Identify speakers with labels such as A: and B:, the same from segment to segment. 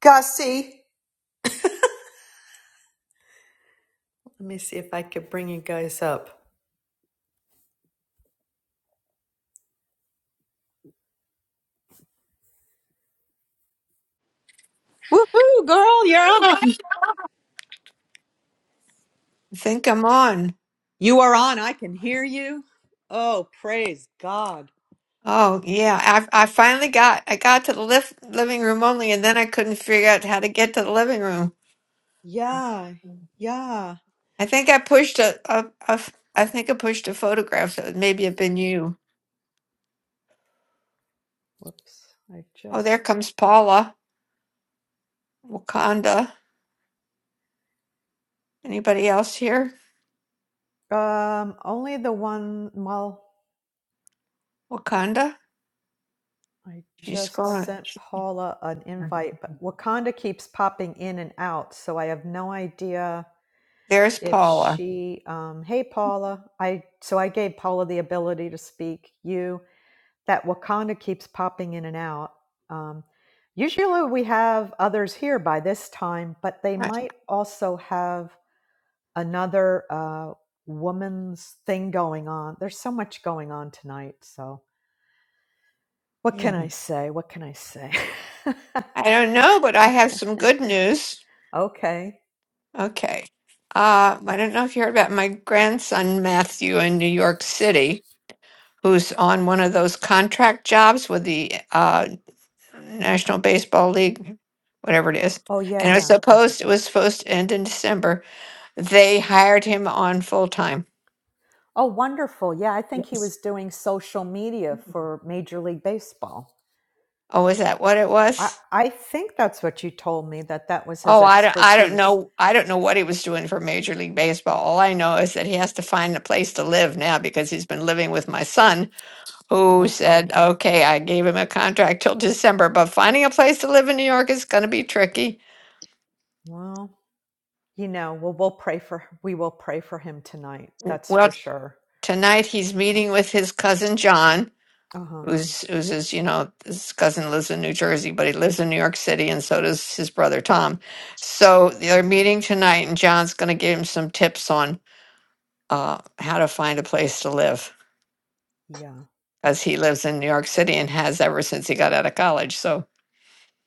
A: Gussie. Let me see if I could bring you guys up. Ooh, girl, you're on.
B: I think I'm on.
A: You Oh, praise God.
B: Oh yeah, I I finally got I got to the lift, living room only, and then I couldn't figure out how to get to the living room.
A: Yeah, yeah.
B: I think I pushed a, a, a f- I think I pushed a photograph that maybe have been you.
A: Whoops. I
B: Oh, there
A: just
B: comes Paula. Wakanda. Anybody else here?
A: um only the one well
B: Wakanda.
A: I
B: She's
A: just
B: gone.
A: sent Paula an invite, but Wakanda keeps popping in and out, so I have no idea
B: There's
A: if
B: Paula.
A: she um hey Paula. I so I gave Paula the ability to speak. You that Wakanda keeps popping in and out. Um, usually we have others here by this time, but they
B: I,
A: might also have another uh, woman's thing going on. There's so much going on tonight. So, what
B: yeah.
A: can I say? What can I say?
B: I don't know, but I have some good news.
A: okay.
B: Okay. Uh, I don't know if you heard about my grandson Matthew in New York City, who's on one of those contract jobs with the uh, National Baseball League, whatever it is.
A: Oh, yeah,
B: And it was
A: yeah.
B: supposed it was supposed to end in December. They hired him on full time.
A: Oh, wonderful. Yeah, I think he
B: Yes.
A: was doing social media for Major League Baseball.
B: Oh, is that what it
A: I,
B: was?
A: I think that's what you told me that that was his
B: Oh, I don't, I don't
A: expertise.
B: know. I don't know what he was doing for Major League Baseball. All I know is that he has to find a place to live now because he's been living with my son who said,
A: Okay.
B: okay, I gave him a contract till December, but finding a place to live in New York is going to be tricky.
A: Well, You know, well, we'll pray for we will pray for him tonight.
B: W-
A: That's
B: Well,
A: for sure.
B: tonight he's
A: Uh
B: meeting with his cousin John,
A: huh.
B: who's who's his, you know, his cousin lives in New Jersey, but he lives in New York City, and so does his brother Tom. So they're meeting tonight, and John's going to give him some tips on uh, how to find a place to live,
A: Yeah.
B: because he lives in New York City and has ever since he got out of college. So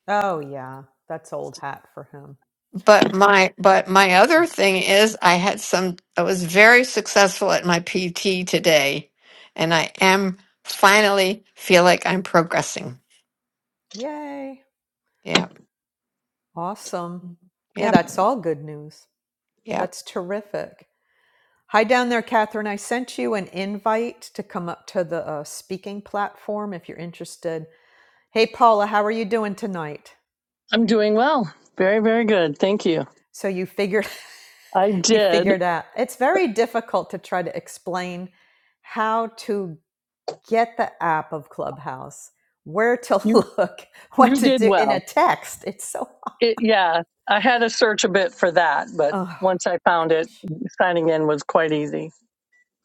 A: Oh yeah. That's old hat for him.
B: But my but my
A: Uh,
B: other thing is I had some I was very successful at my PT today and I am finally feel like I'm progressing.
A: Yay!
B: Yep.
A: Awesome. Yeah,
B: Yep.
A: that's all good news.
B: Yep.
A: That's terrific. Hi down there, Catherine. I sent you an invite to come up to the uh, speaking platform if you're interested. Hey, Paula, how are you doing tonight?
C: I'm doing well. Very, very good. Thank you.
A: So you figured.
C: I
A: you
C: did.
A: figured out. It's very difficult to try to explain how to get the app of Clubhouse, where to
C: You
A: look,
C: you
A: what to
C: did
A: do in
C: well.
A: a text. It's so,
C: It, yeah, I had to search a bit for that, but
A: oh
C: once I found it,
A: gosh.
C: signing in was quite easy.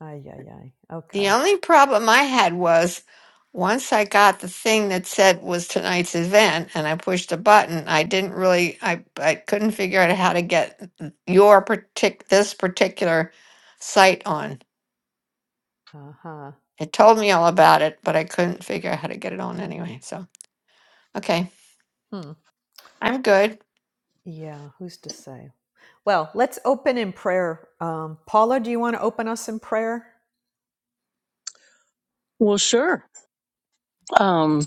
A: Ay, ay, ay.
B: The
A: Okay.
B: only problem I had was once I got the thing that said was tonight's event and I pushed a button, I didn't really I I couldn't figure out how to get your partic this particular site on.
A: Uh huh.
B: It told me all about it, but I couldn't figure out how to get it on anyway. So Okay,
A: Hmm.
B: I'm good.
A: Yeah, who's to say? Well, let's open in prayer. Um, Paula, do you want to open us in prayer?
C: Well, sure. Um,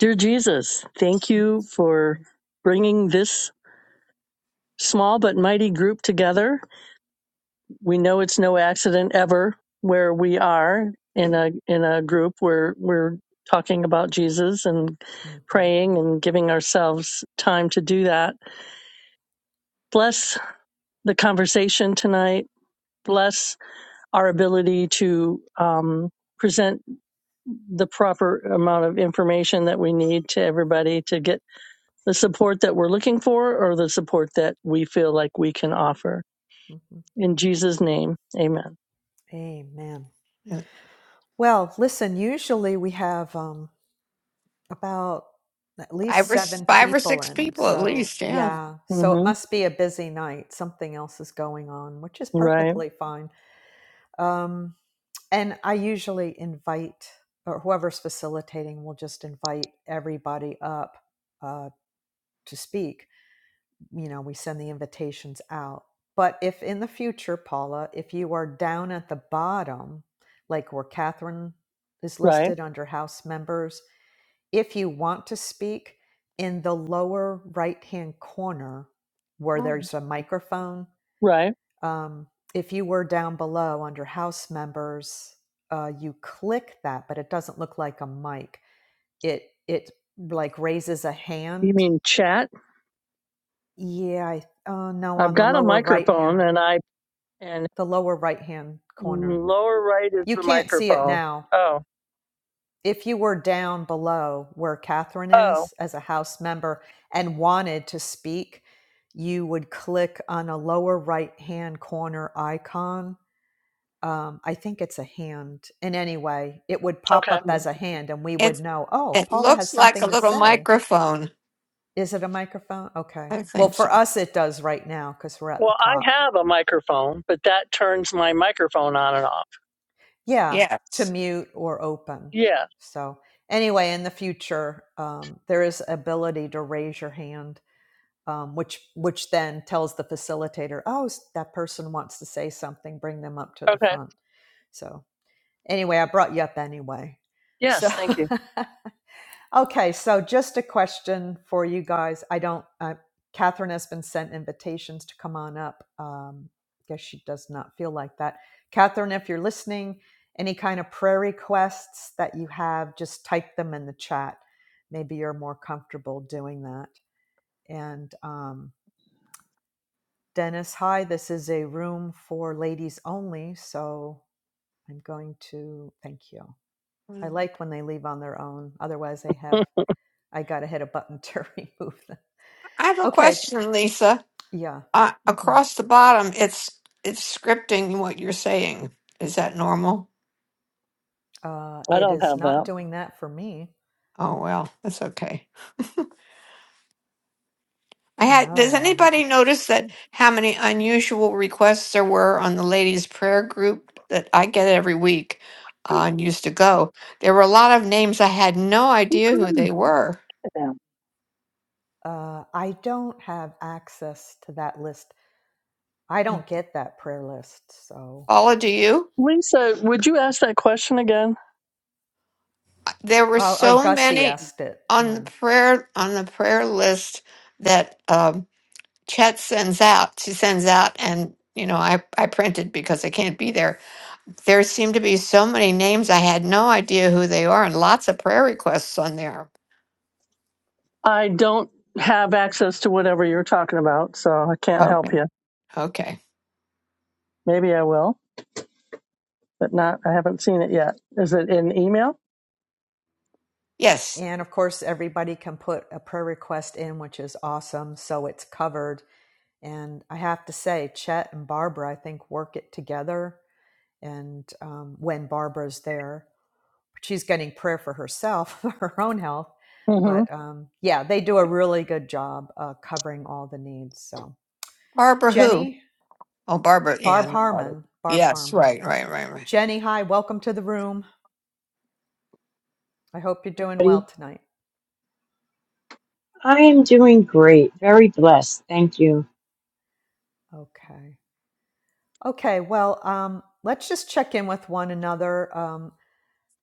C: dear Jesus, thank you for bringing this small but mighty group together. We know it's no accident ever where we are in a in a group where we're talking about Jesus and
A: hmm
C: praying and giving ourselves time to do that Bless the conversation tonight. Bless our ability to um, present the proper amount of information that we need to everybody to get the support that we're looking for or the support that we feel like we can offer.
A: Mhm.
C: In Jesus' name, amen.
A: Amen.
B: Yeah.
A: Well, listen, usually we have um, about at least
B: Five or s-
A: seven
B: five or
A: people
B: six
A: in.
B: people at
A: So,
B: least. Yeah.
A: yeah, so it
C: hmm
A: must be a busy night. Something else is going on, which is
C: Right,
A: perfectly fine. Um, and I usually invite, or whoever's facilitating will just invite everybody up uh, to speak. you know, we send the invitations out. But if in the future, Paula, if you are down at the bottom, like where Catherine is
C: right,
A: listed under House members, if you want to speak in the lower right hand corner where
B: Oh,
A: there's a microphone,
C: right.
A: um, if you were down below under House members, uh, you click that, but it doesn't look like a mic. It it like raises a
C: You
A: hand.
C: mean chat?
A: Yeah, I, uh, no,
C: I've
A: on the
C: got a
A: lower right
C: microphone
A: hand
C: and I, and
A: the lower right hand corner.
C: lower right is
A: You
C: the
A: can't see it
C: microphone.
A: now.
C: Oh,
A: If you were down below where Catherine
C: oh,
A: is as a House member and wanted to speak, you would click on a lower right hand corner icon. Um, I think it's a hand. In any way, it would pop
C: okay.
A: up as
B: Mm.
A: a hand, and we would
B: It's
A: know, oh,
B: it
A: Paula has
B: looks like a
A: something to
B: little
A: say.
B: microphone.
A: Is it a microphone? Okay.
B: I
A: Well,
B: think so.
A: for us, it does right now because we're at the
C: Well, I
A: top
C: have a microphone, but that turns my microphone on and off.
A: yeah
B: Yeah.
A: to mute or open
C: Yeah.
A: so anyway in the future um, there is ability to raise your hand um, which which then tells the facilitator oh that person wants to say something bring them up to the
C: Okay.
A: front so anyway i brought you up anyway so
C: Yes, thank you.
A: Okay, so just a question for you guys. I don't. Uh, Catherine has been sent invitations to come on up. Um, guess she does not feel like that. Catherine, if you're listening, any kind of prayer requests that you have, just type them in the chat. Maybe you're more comfortable doing that. And um, Dennis, hi. This is a room for ladies only, so I'm going to thank you. I
B: Mm.
A: like when they leave on their own. Otherwise, they have I got to hit a button to remove them.
B: I have a
A: Okay.
B: question, Lisa.
A: Yeah.
B: Uh,
A: hmm
B: across the bottom, it's it's scripting what you're saying. Is that normal?
A: Uh,
C: I
A: it
C: don't
A: is
C: have
A: not
C: that.
A: doing that for me.
B: Oh well, that's okay. I had.
A: No,
B: Does
A: I never.
B: anybody
A: s-
B: notice
A: hmm.
B: that how many unusual requests there were on the ladies' prayer group that I get every week uh,
C: Hey,
B: and used to go? There were a lot of names I had no
C: you
B: idea who
C: can look
B: they were.
C: at that.
A: Uh, I don't have access to that list. I don't get that prayer list. So,
B: Paula, do you?
C: Lisa, would you ask that question again?
B: There were
A: uh, or
B: so
A: Gussie
B: many
A: asked it.
B: on the
A: Yeah.
B: prayer on the prayer list that. um, Chet sends out, she sends out, and you know, I, I printed because I can't be there. There seem to be so many names. I had no idea who they are, and lots of prayer requests on there.
C: I don't have access to whatever you're talking about, so I can't help
B: Okay.
C: you.
B: Okay.
C: Maybe I will, but not. I haven't seen it yet. Is it in email?
B: Yes.
A: And of course, everybody can put a prayer request in, which is awesome. So it's covered. And I have to say, Chet and Barbara, I think, work it together. And um, when Barbara's there, she's getting prayer for herself for her own health
C: hmm
A: but um, yeah they do a really good job uh, covering all the needs so
B: Barbara who?
A: jenny
B: Oh, Barbara. Yeah, I
A: barb
B: know Barbara.
A: harmon barb
B: Yes,
A: harmon
B: right, right, right, right.
A: jenny hi welcome to the room i hope you're doing well tonight
D: I am doing great, very blessed. Thank you.
A: okay okay well um, let's just check in with one another um,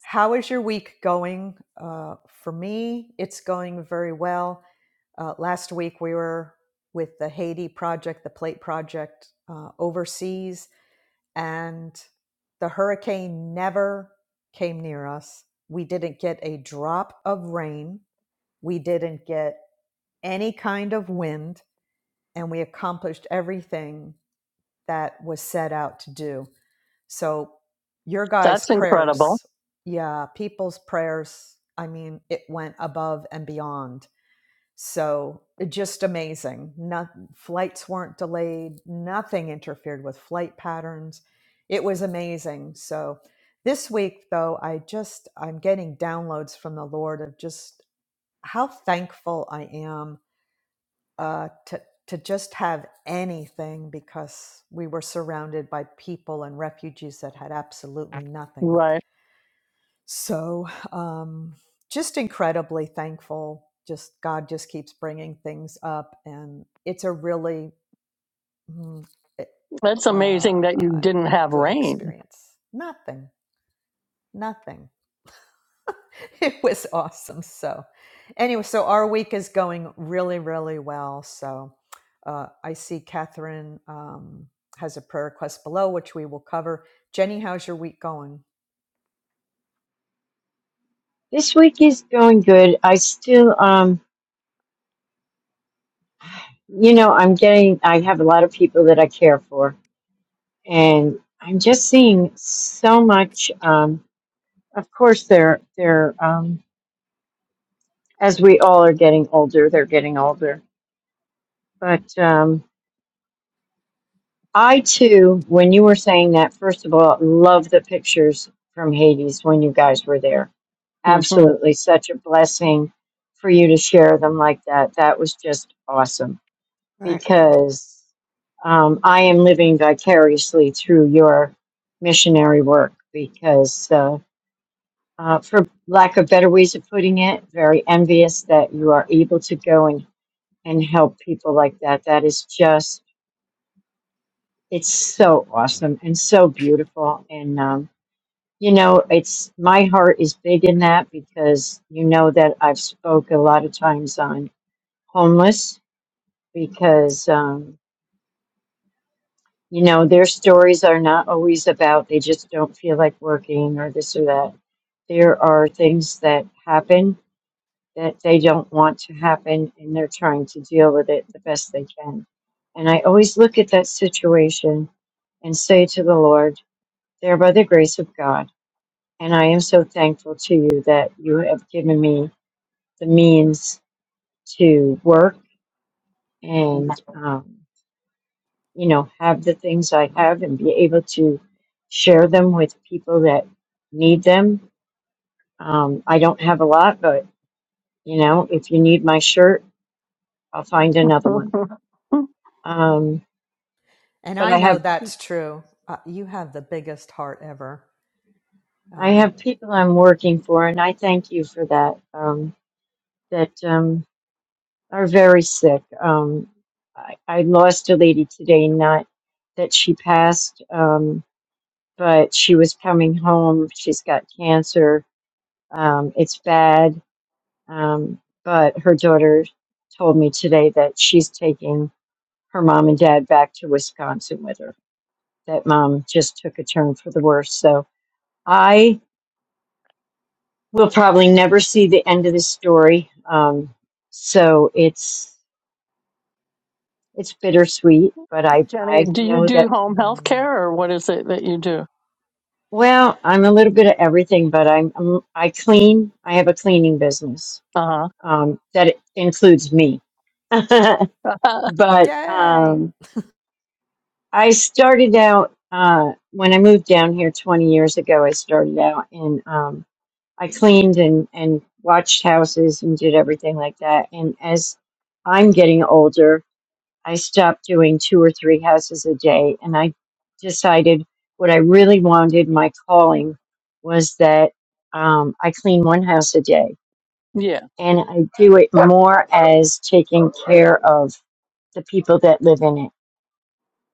A: how is your week going uh, for me it's going very well uh, last week we were with the haiti project the plate project uh, overseas and the hurricane never came near us. We didn't get a drop of rain. We didn't get any kind of wind, and we accomplished everything that was set out to do. So, your guys'
C: That's incredible.
A: prayers, yeah, people's prayers, I mean, it went above and beyond so just amazing. Not flights weren't delayed. Nothing interfered with flight patterns. It was amazing. So this week though, I just I'm getting downloads from the Lord of just how thankful I am uh, to to just have anything because we were surrounded by people and refugees that had absolutely nothing.
C: Right.
A: So, um, just incredibly thankful. Just God just keeps bringing things up, and it's a really mm, it-
C: That's
A: uh,
C: amazing that you didn't have
A: good
C: rain.
A: experience. Nothing, nothing. It was awesome. So, anyway, so our week is going really, really well. So, uh, I see Catherine um, has a prayer request below, which we will cover. Jenny, how's your week going?
D: This week is going good. I still, um, you know, I'm getting, I have a lot of people that I care for, and I'm just seeing so much. Um, of course, they're, they're, um, as we all are getting older, they're getting older. But um, I too, when you were saying that, first of all, love the pictures from Hades when you guys were there
C: hmm
D: absolutely such a blessing for you to share them like that. That was just awesome
B: Right.
D: because um, I am living vicariously through your missionary work because, uh, uh, for lack of better ways of putting it, very envious that you are able to go and, and help people like that. That is just, it's so awesome and so beautiful. And, um, You know, it's my heart is big in that because you know that I've spoke a lot of times on homeless because um, you know their stories are not always about they just don't feel like working or this or that. There are things that happen that they don't want to happen and they're trying to deal with it the best they can. And I always look at that situation and say to the Lord, there by the grace of God, and I am so thankful to you that you have given me the means to work and um, you know have the things I have and be able to share them with people that need them. Um, I don't have a lot, but you know if you need my shirt, I'll find another one. Um,
A: And
D: but
A: I
D: I
A: know
D: have peop
A: that's true. Uh, you have the biggest heart ever.
D: I
A: Um,
D: have people I'm working for, and I thank you for that. Um, that um, are very sick. Um, I, I lost a lady today, not that she passed. Um, but she was coming home. She's got cancer. Um, it's bad. Um, but her daughter told me today that she's taking her mom and dad back to Wisconsin with her. That mom just took a turn for the worse. So I will probably never see the end of this story. Um, so it's it's bittersweet, but I
C: Jenny,
D: I
C: do you
D: know
C: do
D: that.
C: home health
A: mhm.
C: care or what is it that you do?
D: Well, I'm a little bit of everything, but I'm, I'm I clean. I have a cleaning business
C: Uh
D: um, that it includes me. but
C: huh.
A: Yay!
D: um, I started out uh, when I moved down here 20 years ago. I started out and um, I cleaned and, and watched houses and did everything like that. And as I'm getting older, I stopped doing two or three houses a day. And I decided what I really wanted my calling was that um, I clean one house a day.
C: yeah.
D: And I do it more as taking care of the people that live in it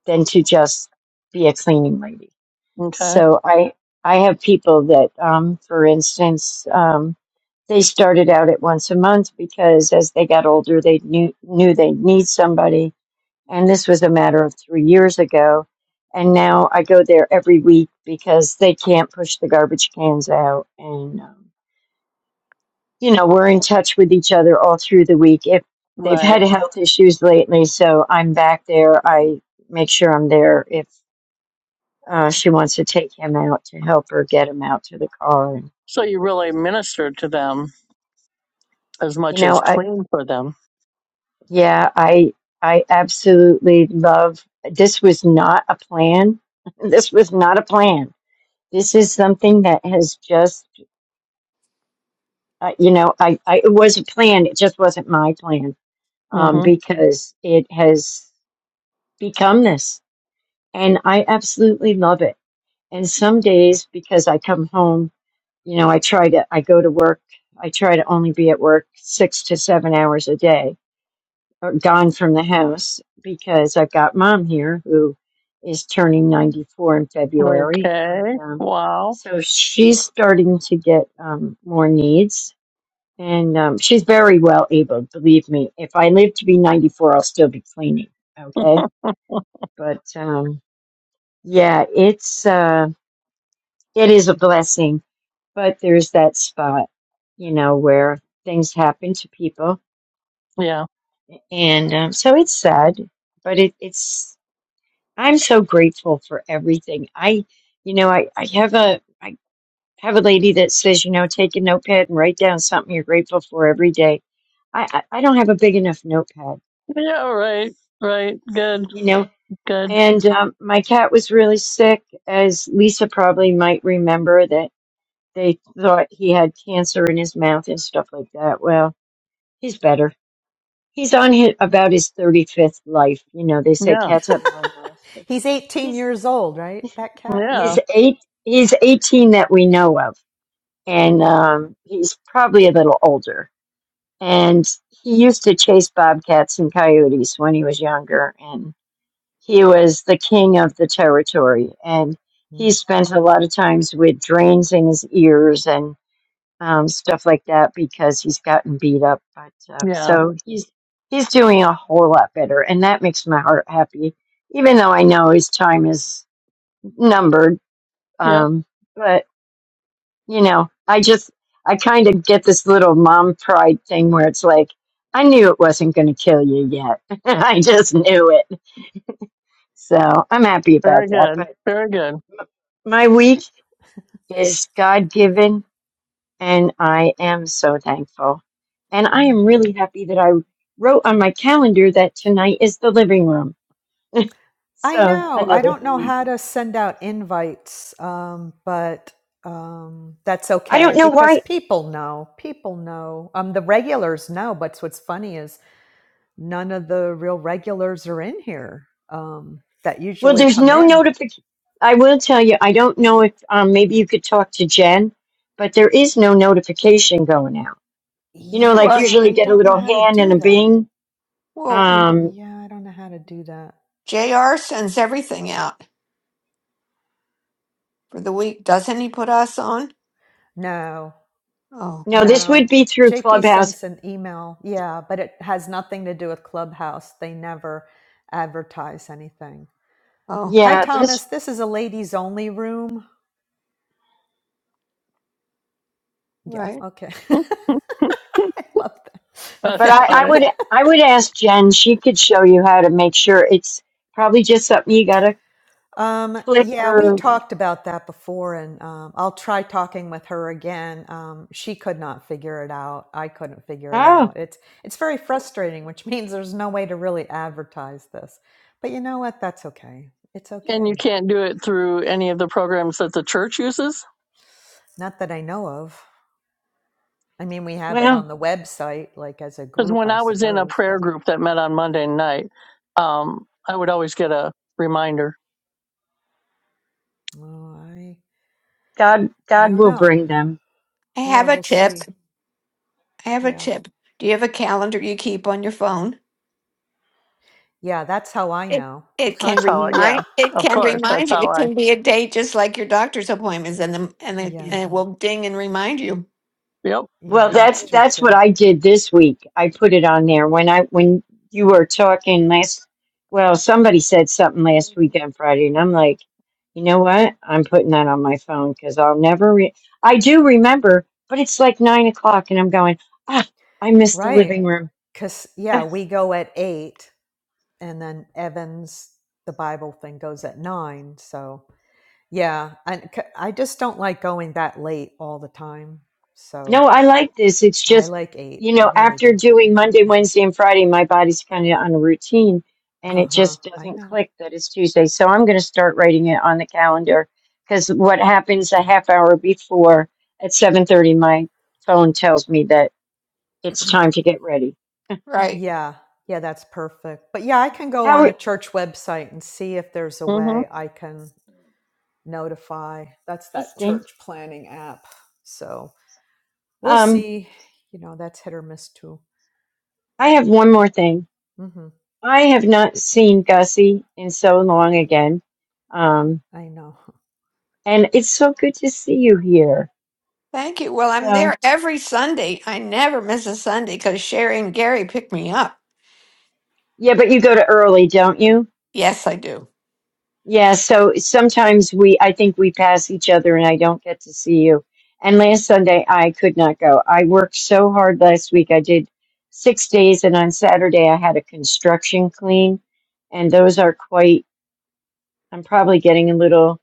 D: than to just be a cleaning lady.
C: Okay.
D: So I I have people that, um, for instance, um, they started out at once a month because as they got older, they knew knew they'd need somebody, and this was a matter of three years ago. And now I go there every week because they can't push the garbage cans out, and um, you know, we're in touch with each other all through the week. If they've
C: Right.
D: had health issues lately, so I'm back there. I make sure I'm there if uh, she wants to take him out to help her get him out to the car. And,
C: So you really minister to them as
D: you
C: much as
D: know, I,
C: clean for them.
D: yeah, I I absolutely love. This was not a plan. this was not a plan. This is something that has just, uh, you know, I, I it was a plan. It just wasn't my plan um,
C: Mm
D: because it has become this. and I absolutely love it. And some days, because I come home, you know, I try to, I go to work, I try to only be at work six to seven hours a day, or gone from the house, because I've got mom here who is turning 94 in
C: hmm.
D: February. And
C: Okay.
D: um,
C: Wow.
D: so she's starting to get um, more needs. And um, she's very well able, believe me. If I live to be 94, I'll still be cleaning. Okay. But um, yeah, it's. uh, it is a blessing, but there's that spot, you know, where things happen to people.
C: Yeah.
D: And um, so it's sad, but it, it's, I'm so grateful for everything. I, you know, I, I have a, I have a lady that says, you know, take a notepad and write down something you're grateful for every day. I, I I don't have a big enough notepad,
C: Yeah. Right. Right. Good.
D: you know,
C: Good.
D: and um, my cat was really sick, as Lisa probably might remember that they thought he had cancer in his mouth and stuff like that. Well, He's better. He's on his, about his 35th life. You know, they say
C: Yeah.
D: cats have nine lives.
A: He's 18
D: He's,
A: years old, right? That cat?
C: Yeah.
D: he's eight, he's 18 that we know of. And,
A: Mm,
D: um, he's probably a little older. And he used to chase bobcats and coyotes when he was younger. And he was the king of the territory. And he
A: mm,
D: spent a lot of times with drains in his ears. and. um, stuff like that because he's gotten beat up. But uh,
C: Yeah.
D: so he's he's doing a whole lot better, and that makes my heart happy. Even though I know his time is numbered,
C: Yep.
D: um, but you know, I just I kind of get this little mom pride thing where it's like I knew it wasn't going to kill you yet. I just knew it, so I'm happy
C: Very
D: about that.
C: good.
D: But
C: Very good.
D: my week is God given And I am so thankful. And I am
A: mhm.
D: really happy that I wrote on my calendar that tonight is the living room.
A: I
D: So
A: know. I
D: another
A: don't know
D: thing.
A: how to send out invites, um, but um, that's
D: I don't
A: okay
D: know
A: because
D: why.
A: people know. People know. Um, the regulars know, but what's funny is none of the real regulars are in here um, that
D: Well,
A: usually
D: there's
A: come
D: no
A: in.
D: notification. I will tell you, I don't know if um, maybe you could talk to Jen, but there is no notification going out. You know, like
B: What?
A: Yeah,
D: usually you
A: I
D: get a
A: don't know
D: little
A: how to
D: hand and
A: do
D: a
A: that.
D: bing.
B: Well,
D: Um,
A: Yeah, I don't know how to do that.
B: JR sends everything out for the week. Doesn't he put us on?
A: No.
B: Oh,
D: no, this would
A: No.
D: be through
A: JP
D: Clubhouse.
A: sends an email. Yeah, but it has nothing to do with Clubhouse. They never advertise anything.
B: oh,
A: Hi,
D: Yeah, this
A: Thomas. This is a ladies only room. Yeah,
B: right.
A: okay. I love that.
D: But
C: That's
A: Okay.
D: I,
C: about
D: I
C: it.
D: would I would ask Jen. She could show you how to make sure it's probably just something you got to
A: um,
D: click
A: yeah, we
D: or
A: talked about that before, and um, I'll try talking with her again. Um, she could not figure it out. I couldn't figure it
D: oh
A: out. It's it's very frustrating, which means there's no way to really advertise this. But you know what? That's okay. It's
C: And you
A: okay.
C: can't do it through any of the programs that the church uses?
A: Not that I know of. I mean, we have it
D: well
A: on the website, like as a
C: Because
A: group,
C: when
A: I
C: I was in a
A: suppose,
C: prayer
A: but
C: group that met on Monday night, um, I would always get a reminder.
A: oh, I,
D: God
A: I
D: God
A: don't
D: will
A: know.
D: bring them.
B: I
A: Yeah,
B: have a
A: we'll
B: tip.
A: see.
B: I have a
A: Yeah.
B: tip. Do you have a calendar you keep on your phone?
A: Yeah, that's how I
B: It
A: know.
B: it can
C: That's how I, yeah,
B: remind it
C: of
B: can
C: course. That's
B: remind you.
C: how
B: It
C: I,
B: can be a date just like your doctor's appointments and the and the, and
A: Yeah.
B: it will ding and remind you.
C: yep.
D: Well,
A: Yeah, that's
D: that's
A: true
D: that's what
A: too.
D: I did this week. I put it on there when I when you were talking last. Well, somebody said something last week on Friday, and I'm like, you know what? I'm putting that on my phone because I'll never. Re- I do remember, but it's like nine o'clock, and I'm going, ah, I missed the
A: Right.
D: living room.
A: Because, yeah, we go at eight and then Evans, the Bible thing goes at nine. So, yeah, and I, c- I just don't like going that late all the time. So,
D: No, I like this. It's
A: I
D: just,
A: like eight.
D: you
A: I
D: know,
A: really
D: after
A: do.
D: doing Monday, Wednesday, and Friday, my body's kind of on a routine and
A: Uh
D: it
A: huh.
D: just
A: I
D: doesn't
A: know.
D: click that it's Tuesday. So I'm going to start writing it on the calendar because what happens a half hour before at 7.30, my phone tells me that it's time to get ready.
B: Right.
A: Yeah. Yeah, that's perfect. But yeah, I can go on the
D: Howard,
A: church website and see if there's a
C: hmm
A: way I can notify. That's
D: I
A: that
D: think,
A: church planning app. So we'll
D: um,
A: see. You know, that's hit or miss too.
D: I have one more thing.
A: hmm
D: I have not seen Gussie in so long again. Um,
A: I know.
D: and it's so good to see you here.
B: Thank you. Well, I'm
D: So.
B: there every Sunday. I never miss a Sunday because Sherry and Gary pick me up.
D: Yeah, but you go to early, don't you?
B: Yes, I do.
D: Yeah, so sometimes we, I think we pass each other and I don't get to see you. And last Sunday, I could not go. I worked so hard last week. I did six days, and on Saturday, I had a construction clean, and those are quite I'm probably getting a little.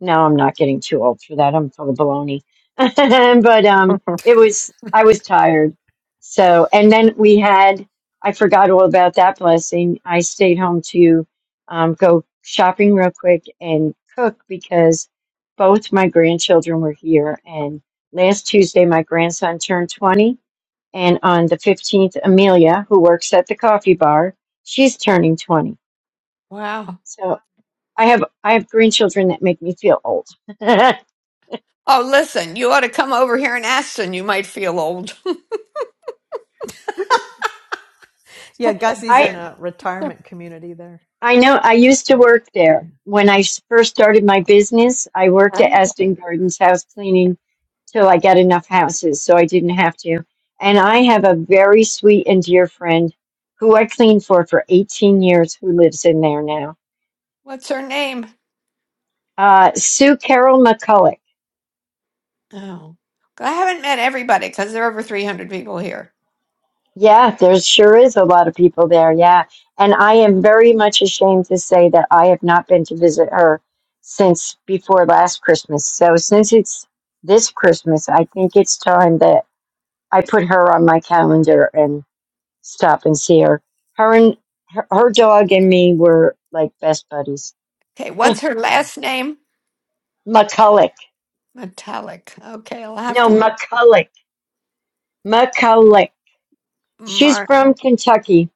D: No, I'm not getting too old for that. I'm full of baloney. but um,
C: hmm
D: it was. I was tired. So, and then we had. I forgot all about that blessing. I stayed home to um, go shopping real quick and cook because both my grandchildren were here. And last Tuesday, my grandson turned 20. And on the 15th, Amelia, who works at the coffee bar, she's turning 20.
B: Wow.
D: So. I have I have grandchildren that make me feel old. I
B: Oh, listen, you ought to come over here in Aston. You might feel old.
A: Yeah, Gussie's in a retirement community there.
D: I know I used to
A: Like,
D: work there
A: yeah,
D: when I s- first started my
A: uh,
D: business. I worked at Aston Gardens house cleaning till I got enough houses so I didn't have to. And I have a very sweet and dear friend who I cleaned for for 18 years who lives in there now.
B: What's her name?
D: Uh, Sue Carol McCulloch.
B: Oh, I haven't met everybody because there are over 300 people here.
D: Yeah, there sure is a lot of people there. Yeah. And I am very much ashamed to say that I have not been to visit her since before last Christmas. So since it's this Christmas, I think it's time that I put her on my calendar and stop and see her. Her and her, her dog and me were like best buddies.
B: Okay, what's her
A: mm,
B: last name?
D: McCulloch.
B: Metallic. Okay, I'll have
D: No,
B: to look.
D: McCulloch. McCulloch. She's
B: Mark.
D: from Kentucky.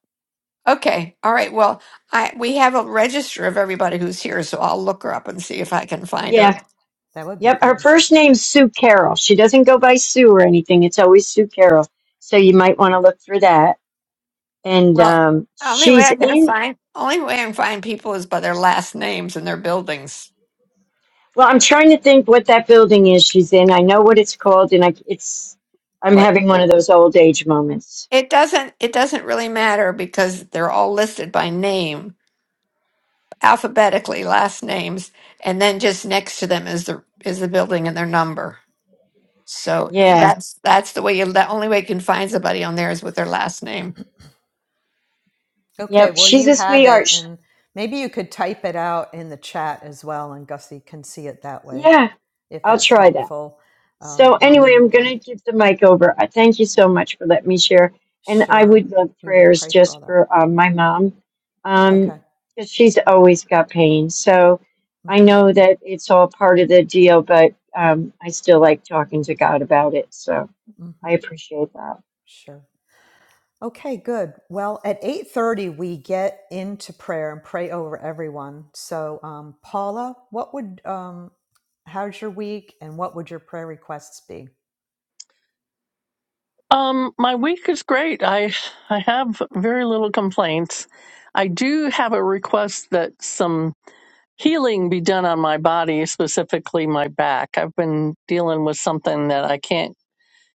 B: Okay, all right. Well, I we have a register of everybody who's here, so I'll look her up and see if I can find
D: Yeah.
B: her.
A: that would be
D: Yep, her
A: good.
D: first name's Sue Carroll. She doesn't go by Sue or anything. It's always Sue Carroll. So you might want to look for that. And
B: Well,
D: um,
B: only way
D: she's
B: I can
D: in.
B: find only way I can find people is by their last names and their buildings.
D: Well, I'm trying to think what that building is she's in. I know what it's called, and I it's. I'm
B: What?
D: having one of those old age moments.
B: It doesn't it doesn't really matter because they're all listed by name, alphabetically, last names, and then just next to them is the is the building and their number. So it-
D: Yeah.
B: that's that's the way you the only way you can find somebody on there is with their last name.
A: Okay,
D: Yep.
A: well,
D: She's
A: you
D: a
A: have
D: sweetheart.
A: it.
D: Sh
A: And maybe you could type it out in the chat as well, and Gussie can see it that way
D: yeah.
A: if
D: I'll
A: that's
D: try that.
A: helpful
D: So
A: um, while we
D: anyway, I'm
A: move
D: going
A: on.
D: to give the mic over. I thank you so much for letting me share, and I
A: Sure.
D: would love
A: We will
D: prayers
A: pray for
D: just
A: all that.
D: for uh, my mom, um,
A: Okay.
D: 'cause she's always got pain. So I
A: Mhm.
D: know that it's all part of the deal, but um, I still like talking to God about it. So I
A: Mhm.
D: appreciate that.
A: Sure. Okay, good. Well, at 8:30 we get into prayer and pray over everyone. So, um, Paula, what would um how's your week and what would your prayer requests be?
C: Um, my week is great. I, I have very little complaints. I do have a request that some healing be done on my body, specifically my back. I've been dealing with something that I can't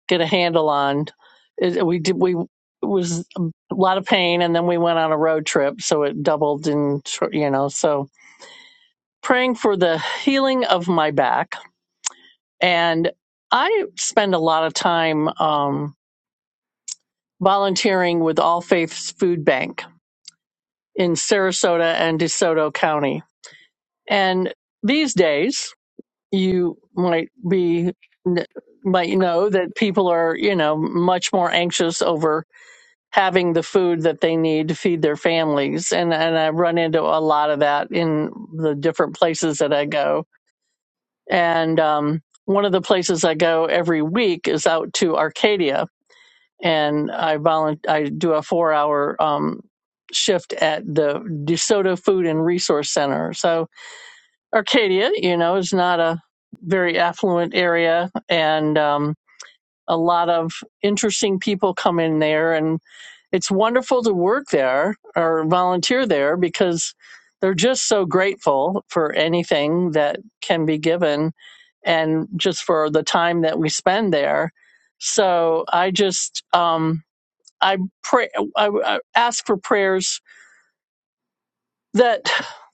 C: get a handle on. It, we did. We it was a lot of pain, and then we went on a road trip, so it doubled in. You know, so praying for the healing of my back, and I spend a lot of time um, volunteering with All Faiths Food Bank in Sarasota and DeSoto County, and these days you might be might know that people are you know much more anxious over having the food that they need to feed their families. And and I run into a lot of that in the different places that I go. And um, one of the places I go every week is out to Arcadia, and I volunteer. I do a four hour um, shift at the DeSoto Food and Resource Center. So Arcadia, you know, is not a very affluent area, and um, a lot of interesting people come in there, and it's wonderful to work there or volunteer there because they're just so grateful for anything that can be given and just for the time that we spend there. So I just um, I pray I, I ask for prayers that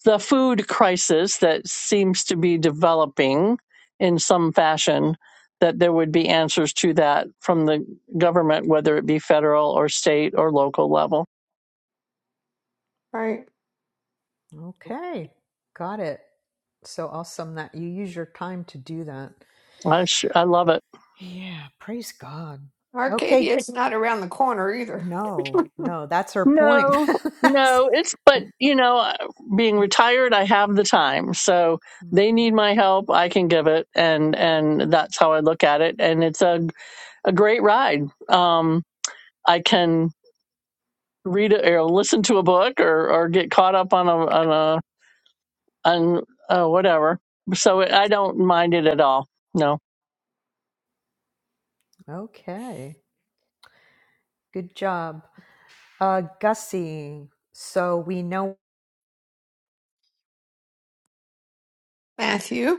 C: the food crisis that seems to be developing in some fashion that there would be answers to that from the government whether it be federal or state or local level.
B: Right.
A: Okay. Got it. So awesome that you use your time to do that.
C: I sh- I love it.
A: Yeah, praise God.
B: Arcadia
A: Okay.
B: is not around the corner either.
A: No, no, that's her point.
C: No,
A: that's
C: no, it's but you know, uh, being retired, I have the time. So they
A: Mhm.
C: need my help, I can give it, and and that's how I look at it. And it's a a great ride. Um, I can read it or listen to a book or or get caught up on a on a on uh, whatever. So it, I don't mind it at all. No,
A: okay. Good job. Uh, Gussie. So we know
B: Matthew?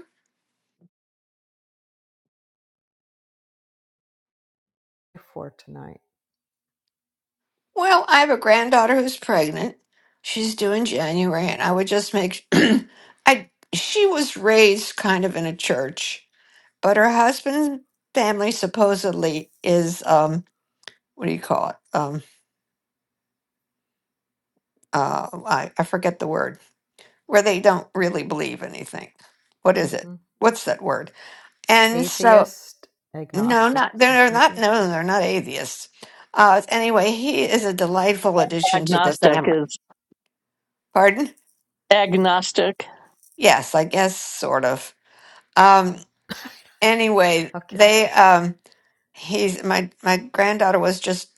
A: for tonight.
B: Well, I have a granddaughter who's pregnant. She's due in January, and I would just make. I she was raised kind of in a church, but her husband's family supposedly is um what do you call it um uh I, I forget the word where they don't really believe anything. What is it?
A: hmm
B: What's that word? And so
A: Atheist,
B: No, not
A: agnostics, or
B: they're not.
A: atheist.
B: No, they're not atheists. Uh, anyway, he is a delightful addition to the
C: agnostic
B: family.
C: is
B: Pardon?
C: agnostic.
B: Yes, I guess sort of. Um, anyway,
A: Okay.
B: they um, he's my my granddaughter was just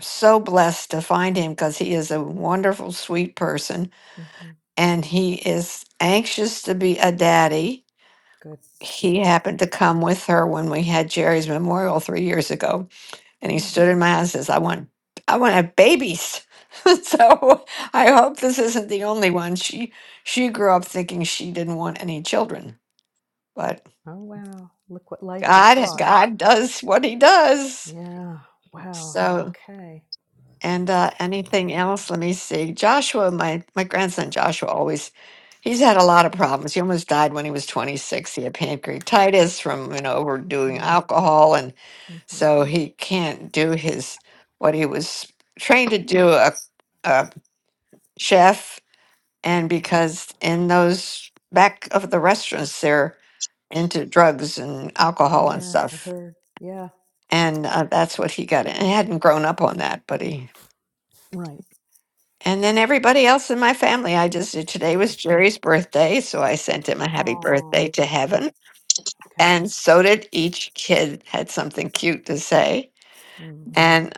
B: so blessed to find him because he is a wonderful, sweet person,
A: hmm
B: and he is anxious to be a daddy.
A: Good.
B: He happened to come with her when we had Jerry's memorial three years ago And he
A: Mm.
B: stood in my eye and says, I want I want to have babies. so I hope this isn't the only one. She she grew up thinking she didn't want any children. But
A: Oh wow! Look what life has
B: God
A: brought.
B: God does what he does.
A: Yeah. Wow.
B: So
A: Okay.
B: and uh, anything else? Let me see. Joshua, my my grandson Joshua always he's had a lot of problems. He almost died when he was 26. He had pancreatitis from, you know, overdoing
A: Mm.
B: alcohol and
A: hmm
B: So he can't do his what he was trained to do a, a chef and
A: hmm
B: because in those back of the restaurants they're into drugs and alcohol and
A: Yeah. I
B: stuff
A: heard. Yeah.
B: and uh, that's what he got and he hadn't grown up on that but he
A: Right.
B: and then everybody else in my family i just today
A: Okay.
B: was jerry's birthday so i sent him a happy
A: Oh.
B: birthday to
A: Yeah.
B: heaven
A: Okay.
B: and so did each kid had something cute to say
A: Mm.
B: and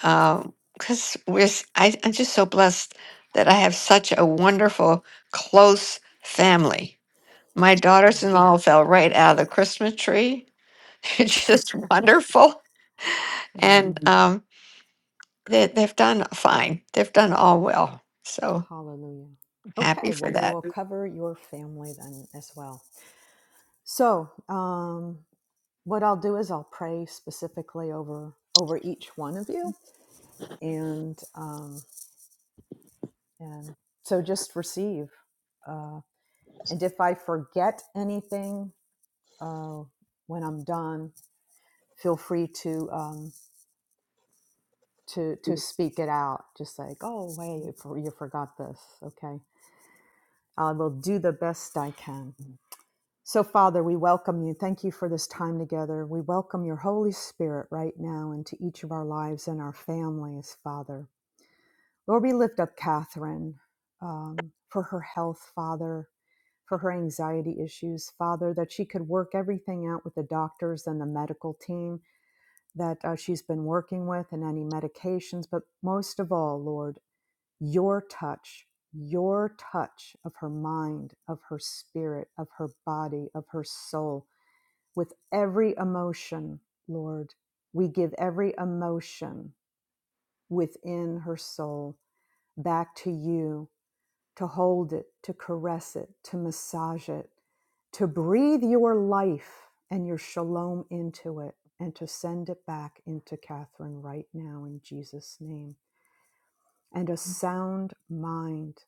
B: because we're s- I, am just so blessed that i have such a wonderful close family my
A: Yeah.
B: daughters-in-law fell right out of the christmas tree it's just wonderful
A: Mm.
B: and um, they, they've done fine they've done all well so
A: Hallelujah.
B: I'm
A: Okay.
B: happy for
A: Well, we
B: that
A: will cover your family then as well. So, um, what I'll do is I'll pray specifically over over each one of you, and um, and so just receive. Uh, and if I forget anything uh, when I'm done, feel free to um, to to speak it out. Just like, oh wait, you you forgot this. Okay, I will do the best I can. So, Father, we welcome you. Thank you for this time together. We welcome your Holy Spirit right now into each of our lives and our families, Father. Lord, we lift up Catherine um, for her health, Father, for her anxiety issues, Father, that she could work everything out with the doctors and the medical team that uh, she's been working with and any medications. But most of all, Lord, your touch, your touch of her mind, of her spirit, of her body, of her soul, with every emotion, Lord. We give every emotion within her soul back to you to hold it, to caress it, to massage it, to breathe your life and your shalom into it, and to send it back into Catherine right now in Jesus' name. And a sound mind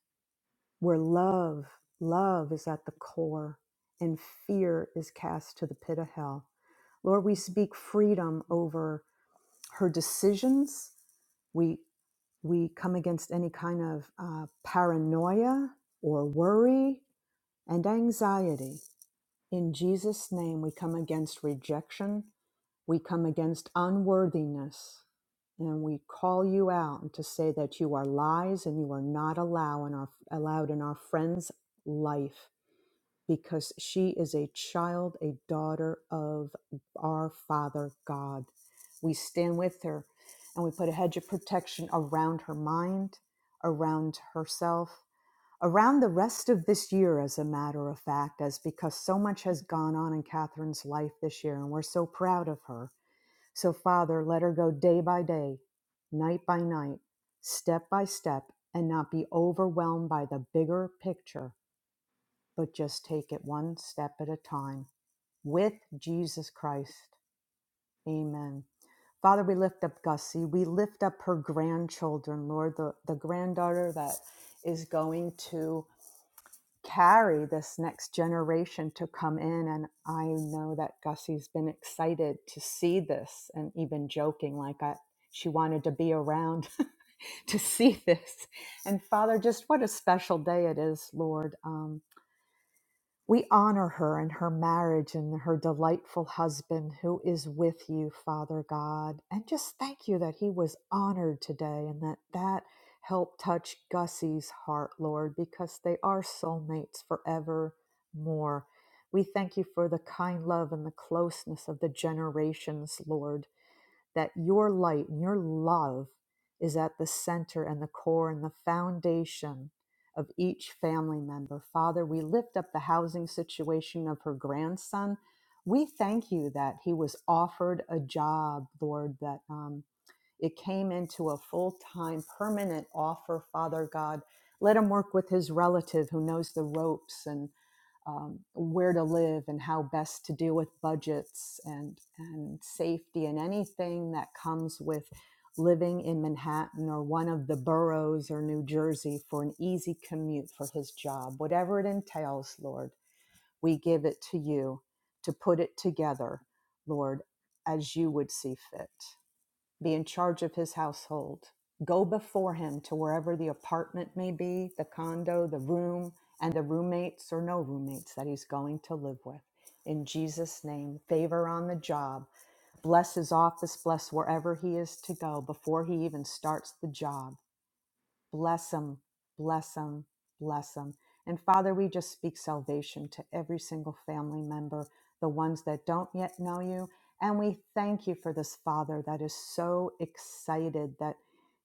A: where love, love is at the core and fear is cast to the pit of hell. Lord, we speak freedom over her decisions. We we come against any kind of uh, paranoia or worry and anxiety. In Jesus' name, we come against rejection, we come against unworthiness, and we call you out to say that you are lies and you are not allow in our, allowed in our friend's life because she is a child, a daughter of our Father God. We stand with her and we put a hedge of protection around her mind, around herself around the rest of this year, as a matter of fact, as because so much has gone on in Catherine's life this year, and we're so proud of her. So, Father, let her go day by day, night by night, step by step, and not be overwhelmed by the bigger picture, but just take it one step at a time with Jesus Christ. Amen. Father, we lift up Gussie. We lift up her grandchildren, Lord, the, the granddaughter that is going to carry this next generation to come in. And I know that Gussie's been excited to see this and even joking, like I, she wanted to be around to see this. And Father, just what a special day it is, Lord. Um, we honor her and her marriage and her delightful husband who is with you, Father God. And just thank you that he was honored today and that that helped touch Gussie's heart, Lord, because they are soulmates forevermore. We thank you for the kind love and the closeness of the generations, Lord that your light and your love is at the center and the core and the foundation of each family member. Father, we lift up the housing situation of her grandson. We thank you that he was offered a job, Lord, that um, it came into a full time, permanent offer, Father God. Let him work with his relative who knows the ropes and um, where to live and how best to deal with budgets and and safety and anything that comes with living in Manhattan or one of the boroughs or New Jersey for an easy commute for his job, whatever it entails, Lord, we give it to you to put it together, Lord, as you would see fit be in charge of his household. Go before him to wherever the apartment may be, the condo, the room, and the roommates or no roommates that he's going to live with. In Jesus' name, favor on the job. Bless his office, bless wherever he is to go before he even starts the job Bless them, bless them, bless them. And Father, we just speak salvation to every single family member, the ones that don't yet know you. And we thank you for this Father that is so excited that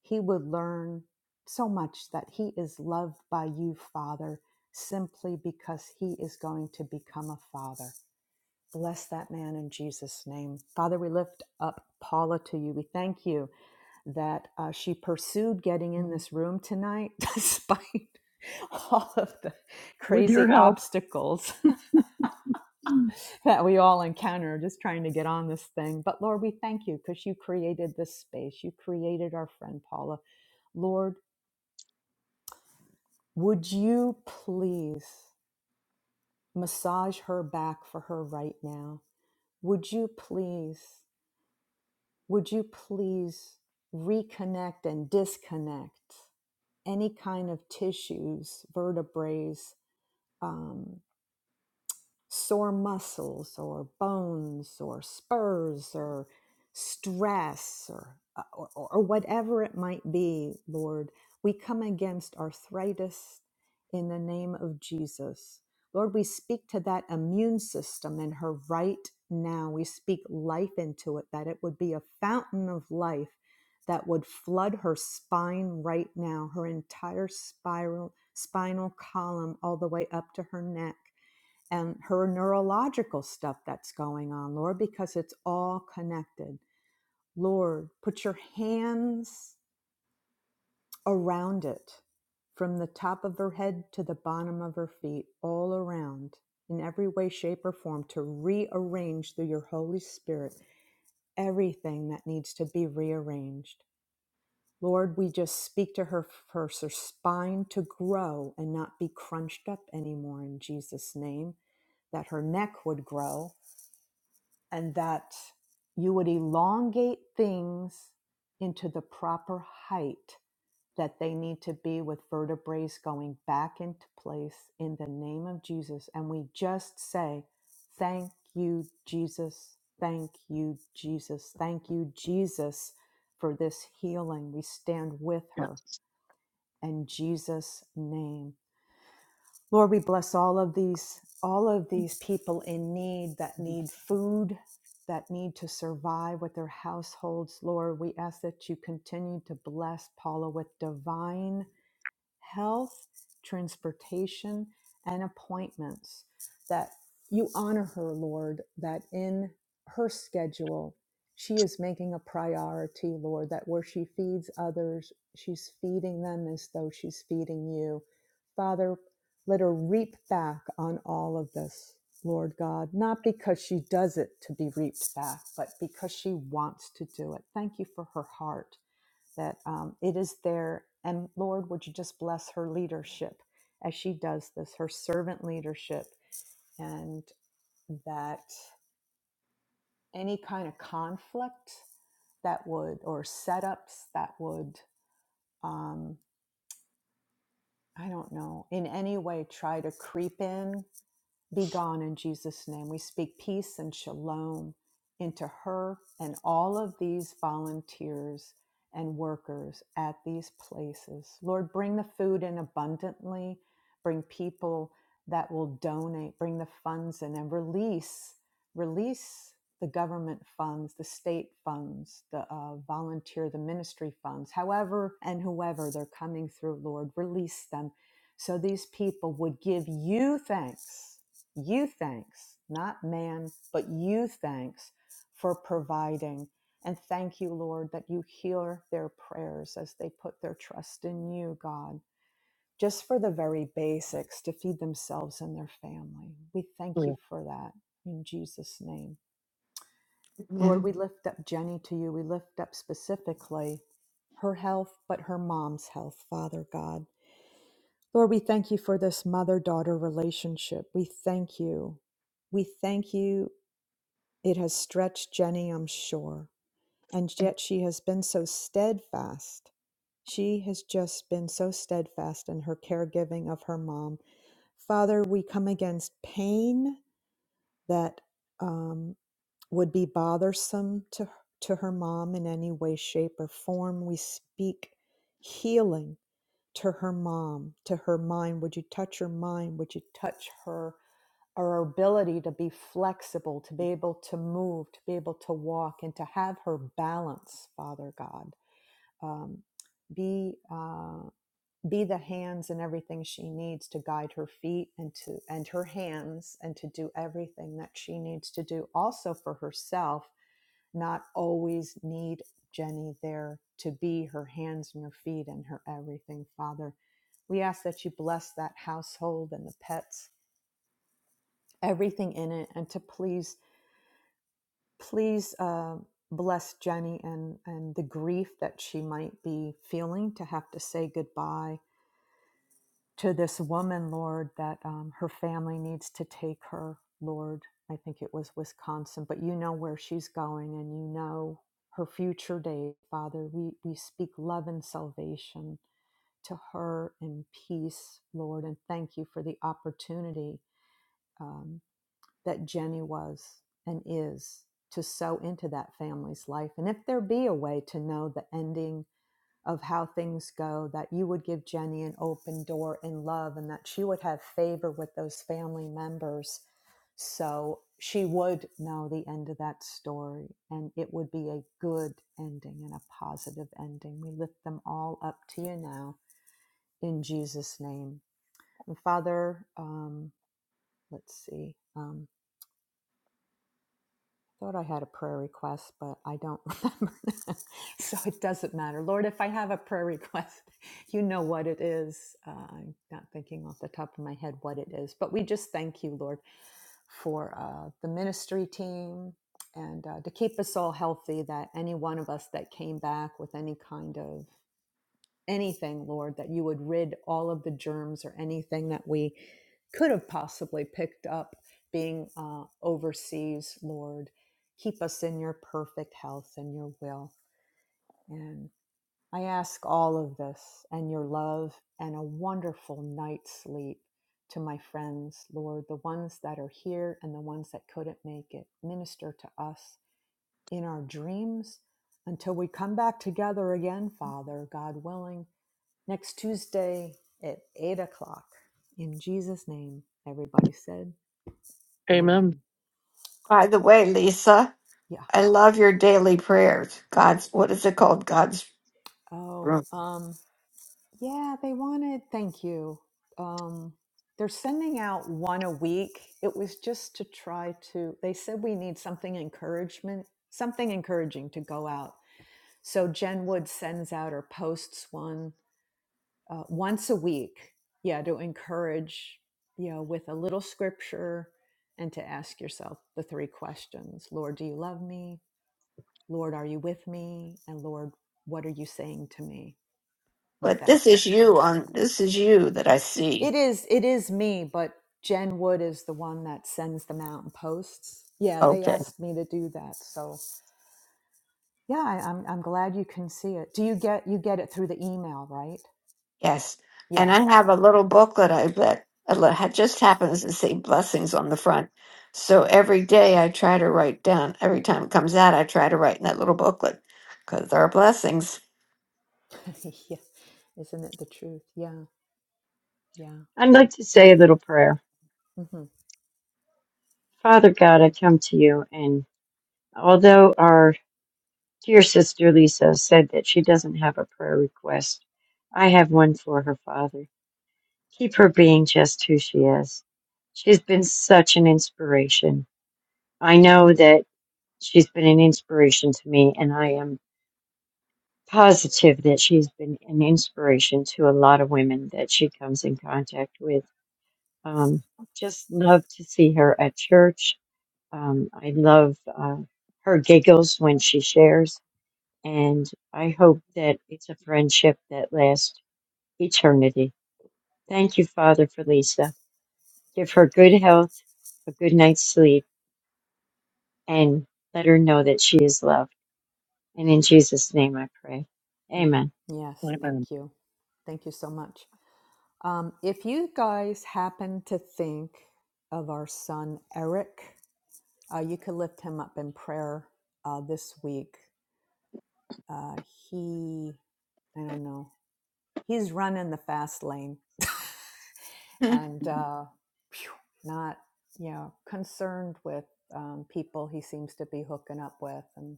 A: he would learn so much that he is loved by you, Father, simply because he is going to become a father. Bless that man in Jesus' name. Father, we lift up Paula to you. We thank you that uh, she pursued getting in this room tonight despite all of the
C: With your
A: crazy
C: help,
A: obstacles that we all encounter just trying to get on this thing. But Lord, we thank you because you created this space. You created our friend Paula. Lord, would you please massage her back for her right now? Would you please? would you please reconnect and disconnect any kind of tissues, vertebrae, um, sore muscles or bones or spurs or stress or, uh, or, or whatever it might be, Lord. We come against arthritis in the name of Jesus. Lord, we speak to that immune system in her right now. We speak life into it, that it would be a fountain of life that would flood her spine right now, her entire spiral, spinal column, all the way up to her neck and her neurological stuff that's going on, Lord, because it's all connected. Lord, put your hands around it from the top of her head to the bottom of her feet, all around in every way, shape, or form to rearrange through your Holy Spirit everything that needs to be rearranged. Lord, we just speak to her for her spine to grow and not be crunched up anymore in Jesus' name, that her neck would grow and that you would elongate things into the proper height that they need to be with vertebrae going back into place in the name of Jesus. And we just say, Thank you, Jesus. Thank you, Jesus. Thank you, Jesus, for this healing. We stand with
C: yeah.
A: her in Jesus' name. Lord, we bless all of these all of these people in need that need food, that need to survive with their households. Lord, we ask that you continue to bless Paula with divine health, transportation, and appointments. That you honor her, Lord, that in her schedule, she is making a priority, Lord, that where she feeds others, she's feeding them as though she's feeding you. Father, let her reap back on all of this, Lord God, not because she does it to be reaped back, but because she wants to do it. Thank you for her heart that um, it is there. And Lord, would you just bless her leadership as she does this, her servant leadership, and that any kind of conflict that would, or setups that would, um, I don't know, in any way try to creep in Be gone in Jesus' name. We speak peace and shalom into her and all of these volunteers and workers at these places. Lord, bring the food in abundantly, bring people that will donate, bring the funds in and release, release the government funds, the state funds, the uh, volunteer, the ministry funds, however and whoever they're coming through, Lord, release them so these people would give you thanks you thanks, not man, but you thanks for providing. And thank you, Lord, that you hear their prayers as they put their trust in you, God, just for the very basics to feed themselves and their family. We thank you for that in Jesus' name.
B: Yeah.
A: Lord, we lift up Jenny to you. We lift up specifically her health, but her mom's health, Father God. Lord, we thank you for this mother daughter relationship. We thank you. We thank you It has stretched Jenny, I'm sure, and yet she has been so steadfast. She has just been so steadfast in her caregiving of her mom. Father, we come against pain that um, would be bothersome to, to her mom in any way, shape, or form. We speak healing to her mom, to her mind. Would you touch her mind? Would you touch her? our ability to be flexible, to be able to move, to be able to walk, and to have her balance, Father God. Um, be uh, be the hands and everything she needs to guide her feet and to and her hands and to do everything that she needs to do, also for herself. Not always need Jenny there to be her hands and her feet and her everything, Father. We ask that you bless that household and the pets everything in it and to please Please uh, bless Jenny and, and the grief that she might be feeling to have to say goodbye to this woman, Lord, that um, her family needs to take her, Lord. I think it was Wisconsin, but you know where she's going and you know her future day, Father. We, we speak love and salvation to her in peace, Lord, and thank you for the opportunity. um, that Jenny was and is to sow into that family's life. And if there be a way to know the ending of how things go, that you would give Jenny an open door in love and that she would have favor with those family members. So she would know the end of that story and it would be a good ending and a positive ending. We lift them all up to you now in Jesus' name. And Father, um, let's see. um, thought I had a prayer request, but I don't remember. so it doesn't matter. Lord, if I have a prayer request, you know what it is. Uh, I'm not thinking off the top of my head what it is, but we just thank you, Lord, for uh, the ministry team and uh, to keep us all healthy, that any one of us that came back with any kind of anything, Lord, that you would rid all of the germs or anything that we could have possibly picked up being uh, overseas, Lord. Keep us in your perfect health and your will. And I ask all of this and your love and a wonderful night's sleep to my friends, Lord, the ones that are here and the ones that couldn't make it. Minister to us in our dreams until we come back together again, Father, God willing next Tuesday at 8 o'clock. In Jesus' name, everybody said,
C: Amen.
A: Amen.
B: By the way, Lisa,
A: Yeah.
B: I love your daily prayers. God's what is it called? God's
A: Oh,
B: room.
A: um, yeah, they wanted, thank you. Um, they're sending out one a week. It was just to try to, they said we need something encouragement, something encouraging to go out. So Jen Wood sends out or posts one uh, once a week yeah to encourage you know with a little scripture and to ask yourself the three questions lord do you love me lord are you with me and lord what are you saying to me with
B: But
A: that
B: this is
A: scripture
B: you on
A: so
B: this is you that I
A: it
B: see.
A: is it is me but jen wood is the one that sends the mountain posts yeah they
B: Okay.
A: asked me to do that so yeah I, I'm, I'm glad you can see it do you get you get it through the email right
B: Yes. And
A: yeah
B: I have
A: yeah
B: a
A: good
B: little booklet I that that ha- just happens to say blessings on the front. So every day I try to write down, every time it comes out, I try to write in that little booklet because there are blessings.
A: yeah isn't it the truth yeah Yeah.
D: I'd like to say a little prayer.
A: hmm
D: Father God, I come to you, and although our dear sister Lisa said that she doesn't have a prayer request, I have one for her father. Keep her being just who she is. She's been such an inspiration. I know that she's been an inspiration to me, and I am positive that she's been an inspiration to a lot of women that she comes in contact with. Um, just love to see her at church. Um, I love uh, her giggles when she shares, and I hope that it's a friendship that lasts eternity. Thank you, Father, for Lisa. Give her good health, a good night's sleep, and let her know that she is loved. And in Jesus' name I pray.
A: Mm.
D: Amen.
A: Yes.
C: Amen.
A: Thank you. Thank you so much. Um, if you guys happen to think of our son Eric, uh, you could lift him up in prayer uh, this week. Uh, he, I don't know, he's running the fast lane
B: Hmm,
A: and uh, phew, not, you know, concerned with um, people he seems to be hooking up with. And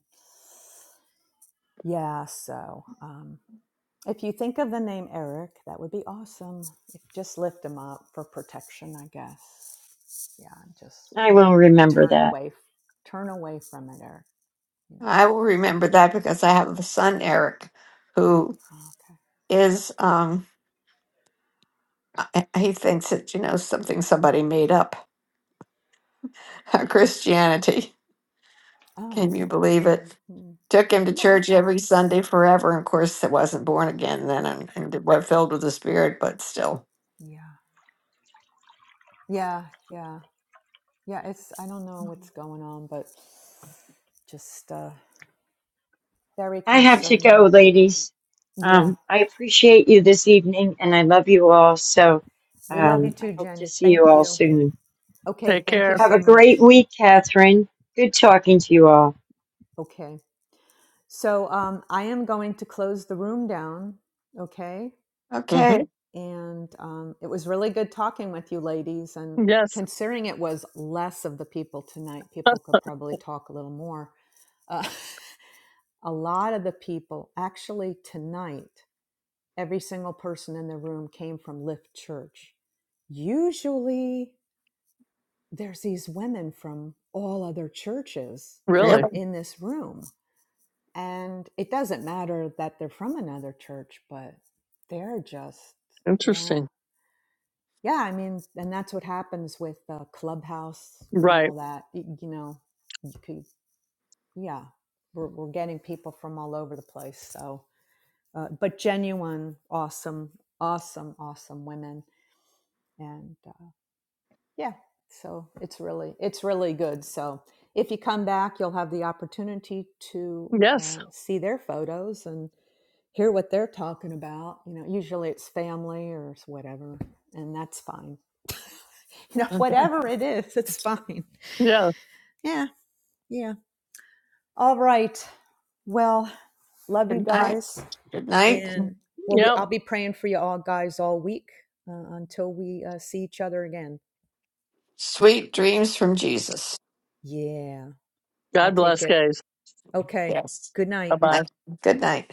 A: yeah, so. Um, If you think of the name Eric, that would be awesome. If, just lift him up for protection, I guess. Yeah, just
D: I will remember
A: turn
D: that.
A: away, turn away from it, Eric. You know.
B: I will remember that because I have a son, Eric, who
A: Oh, okay.
B: is, um, I- he thinks that, you know, something somebody made up Christianity.
A: Oh.
B: Can you believe it?
A: mhm.
B: Took him to
A: Well.
B: church every Sunday forever. And of course, it wasn't born again then and, and it was filled with the Spirit, but still.
A: Yeah. Yeah. Yeah. Yeah. Yeah, It's. I don't know what's going on, but just uh, very
D: I have to go,
A: concerning.
D: ladies.
A: Yeah.
D: Um, I appreciate you this evening and I love you all. So
A: We love you
D: um,
A: too,
D: I hope to
A: Jenny.
D: see you
A: Thank
D: all
A: you.
D: soon.
A: Okay.
C: Take
A: Thank you
C: care.
D: Have
A: so
D: a great
A: much.
D: week, Catherine. Good talking to you all.
A: Okay. So um, I am going to close the room down. Okay.
C: hmm
B: Okay.
A: And um, it was really good talking with you ladies. And
C: Yes.
A: considering it was less of the people tonight, people could probably talk a little more. Uh, a lot of the people, actually, tonight, every single person in the room came from Lift Church. Usually, there's these women from all other churches that
B: Really?
A: are
C: Really?
A: in this room And it doesn't matter that they're from another church, but they're just, yeah.
C: Interesting.
A: Yeah, I mean, and that's what happens with uh, Clubhouse and
C: Right.
A: all that. y- You, know, you could, yeah, we're, we're getting people from all over the place. So, uh, but genuine, awesome, awesome, awesome women. And uh, yeah, so it's really, it's really good. So if you come back, you'll have the opportunity to
C: Yes.
A: uh, see their photos and hear what they're talking about. You know, usually it's family or it's whatever, and that's fine. You know, whatever it is, it's fine.
C: Yeah.
A: Yeah, yeah. All right. Well, love you
B: Good night.
A: guys,
B: Good night.
A: and well, we
C: Yep.
A: I'll be praying for you all guys all week uh, until we uh, see each other again.
B: Sweet dreams from Jesus.
A: Yeah, I'll
C: God
A: take
C: bless,
A: it.
C: guys.
A: Okay.
B: Yes.
A: Good
C: Bye
A: night.
B: Good
C: bye.
B: night. Good night.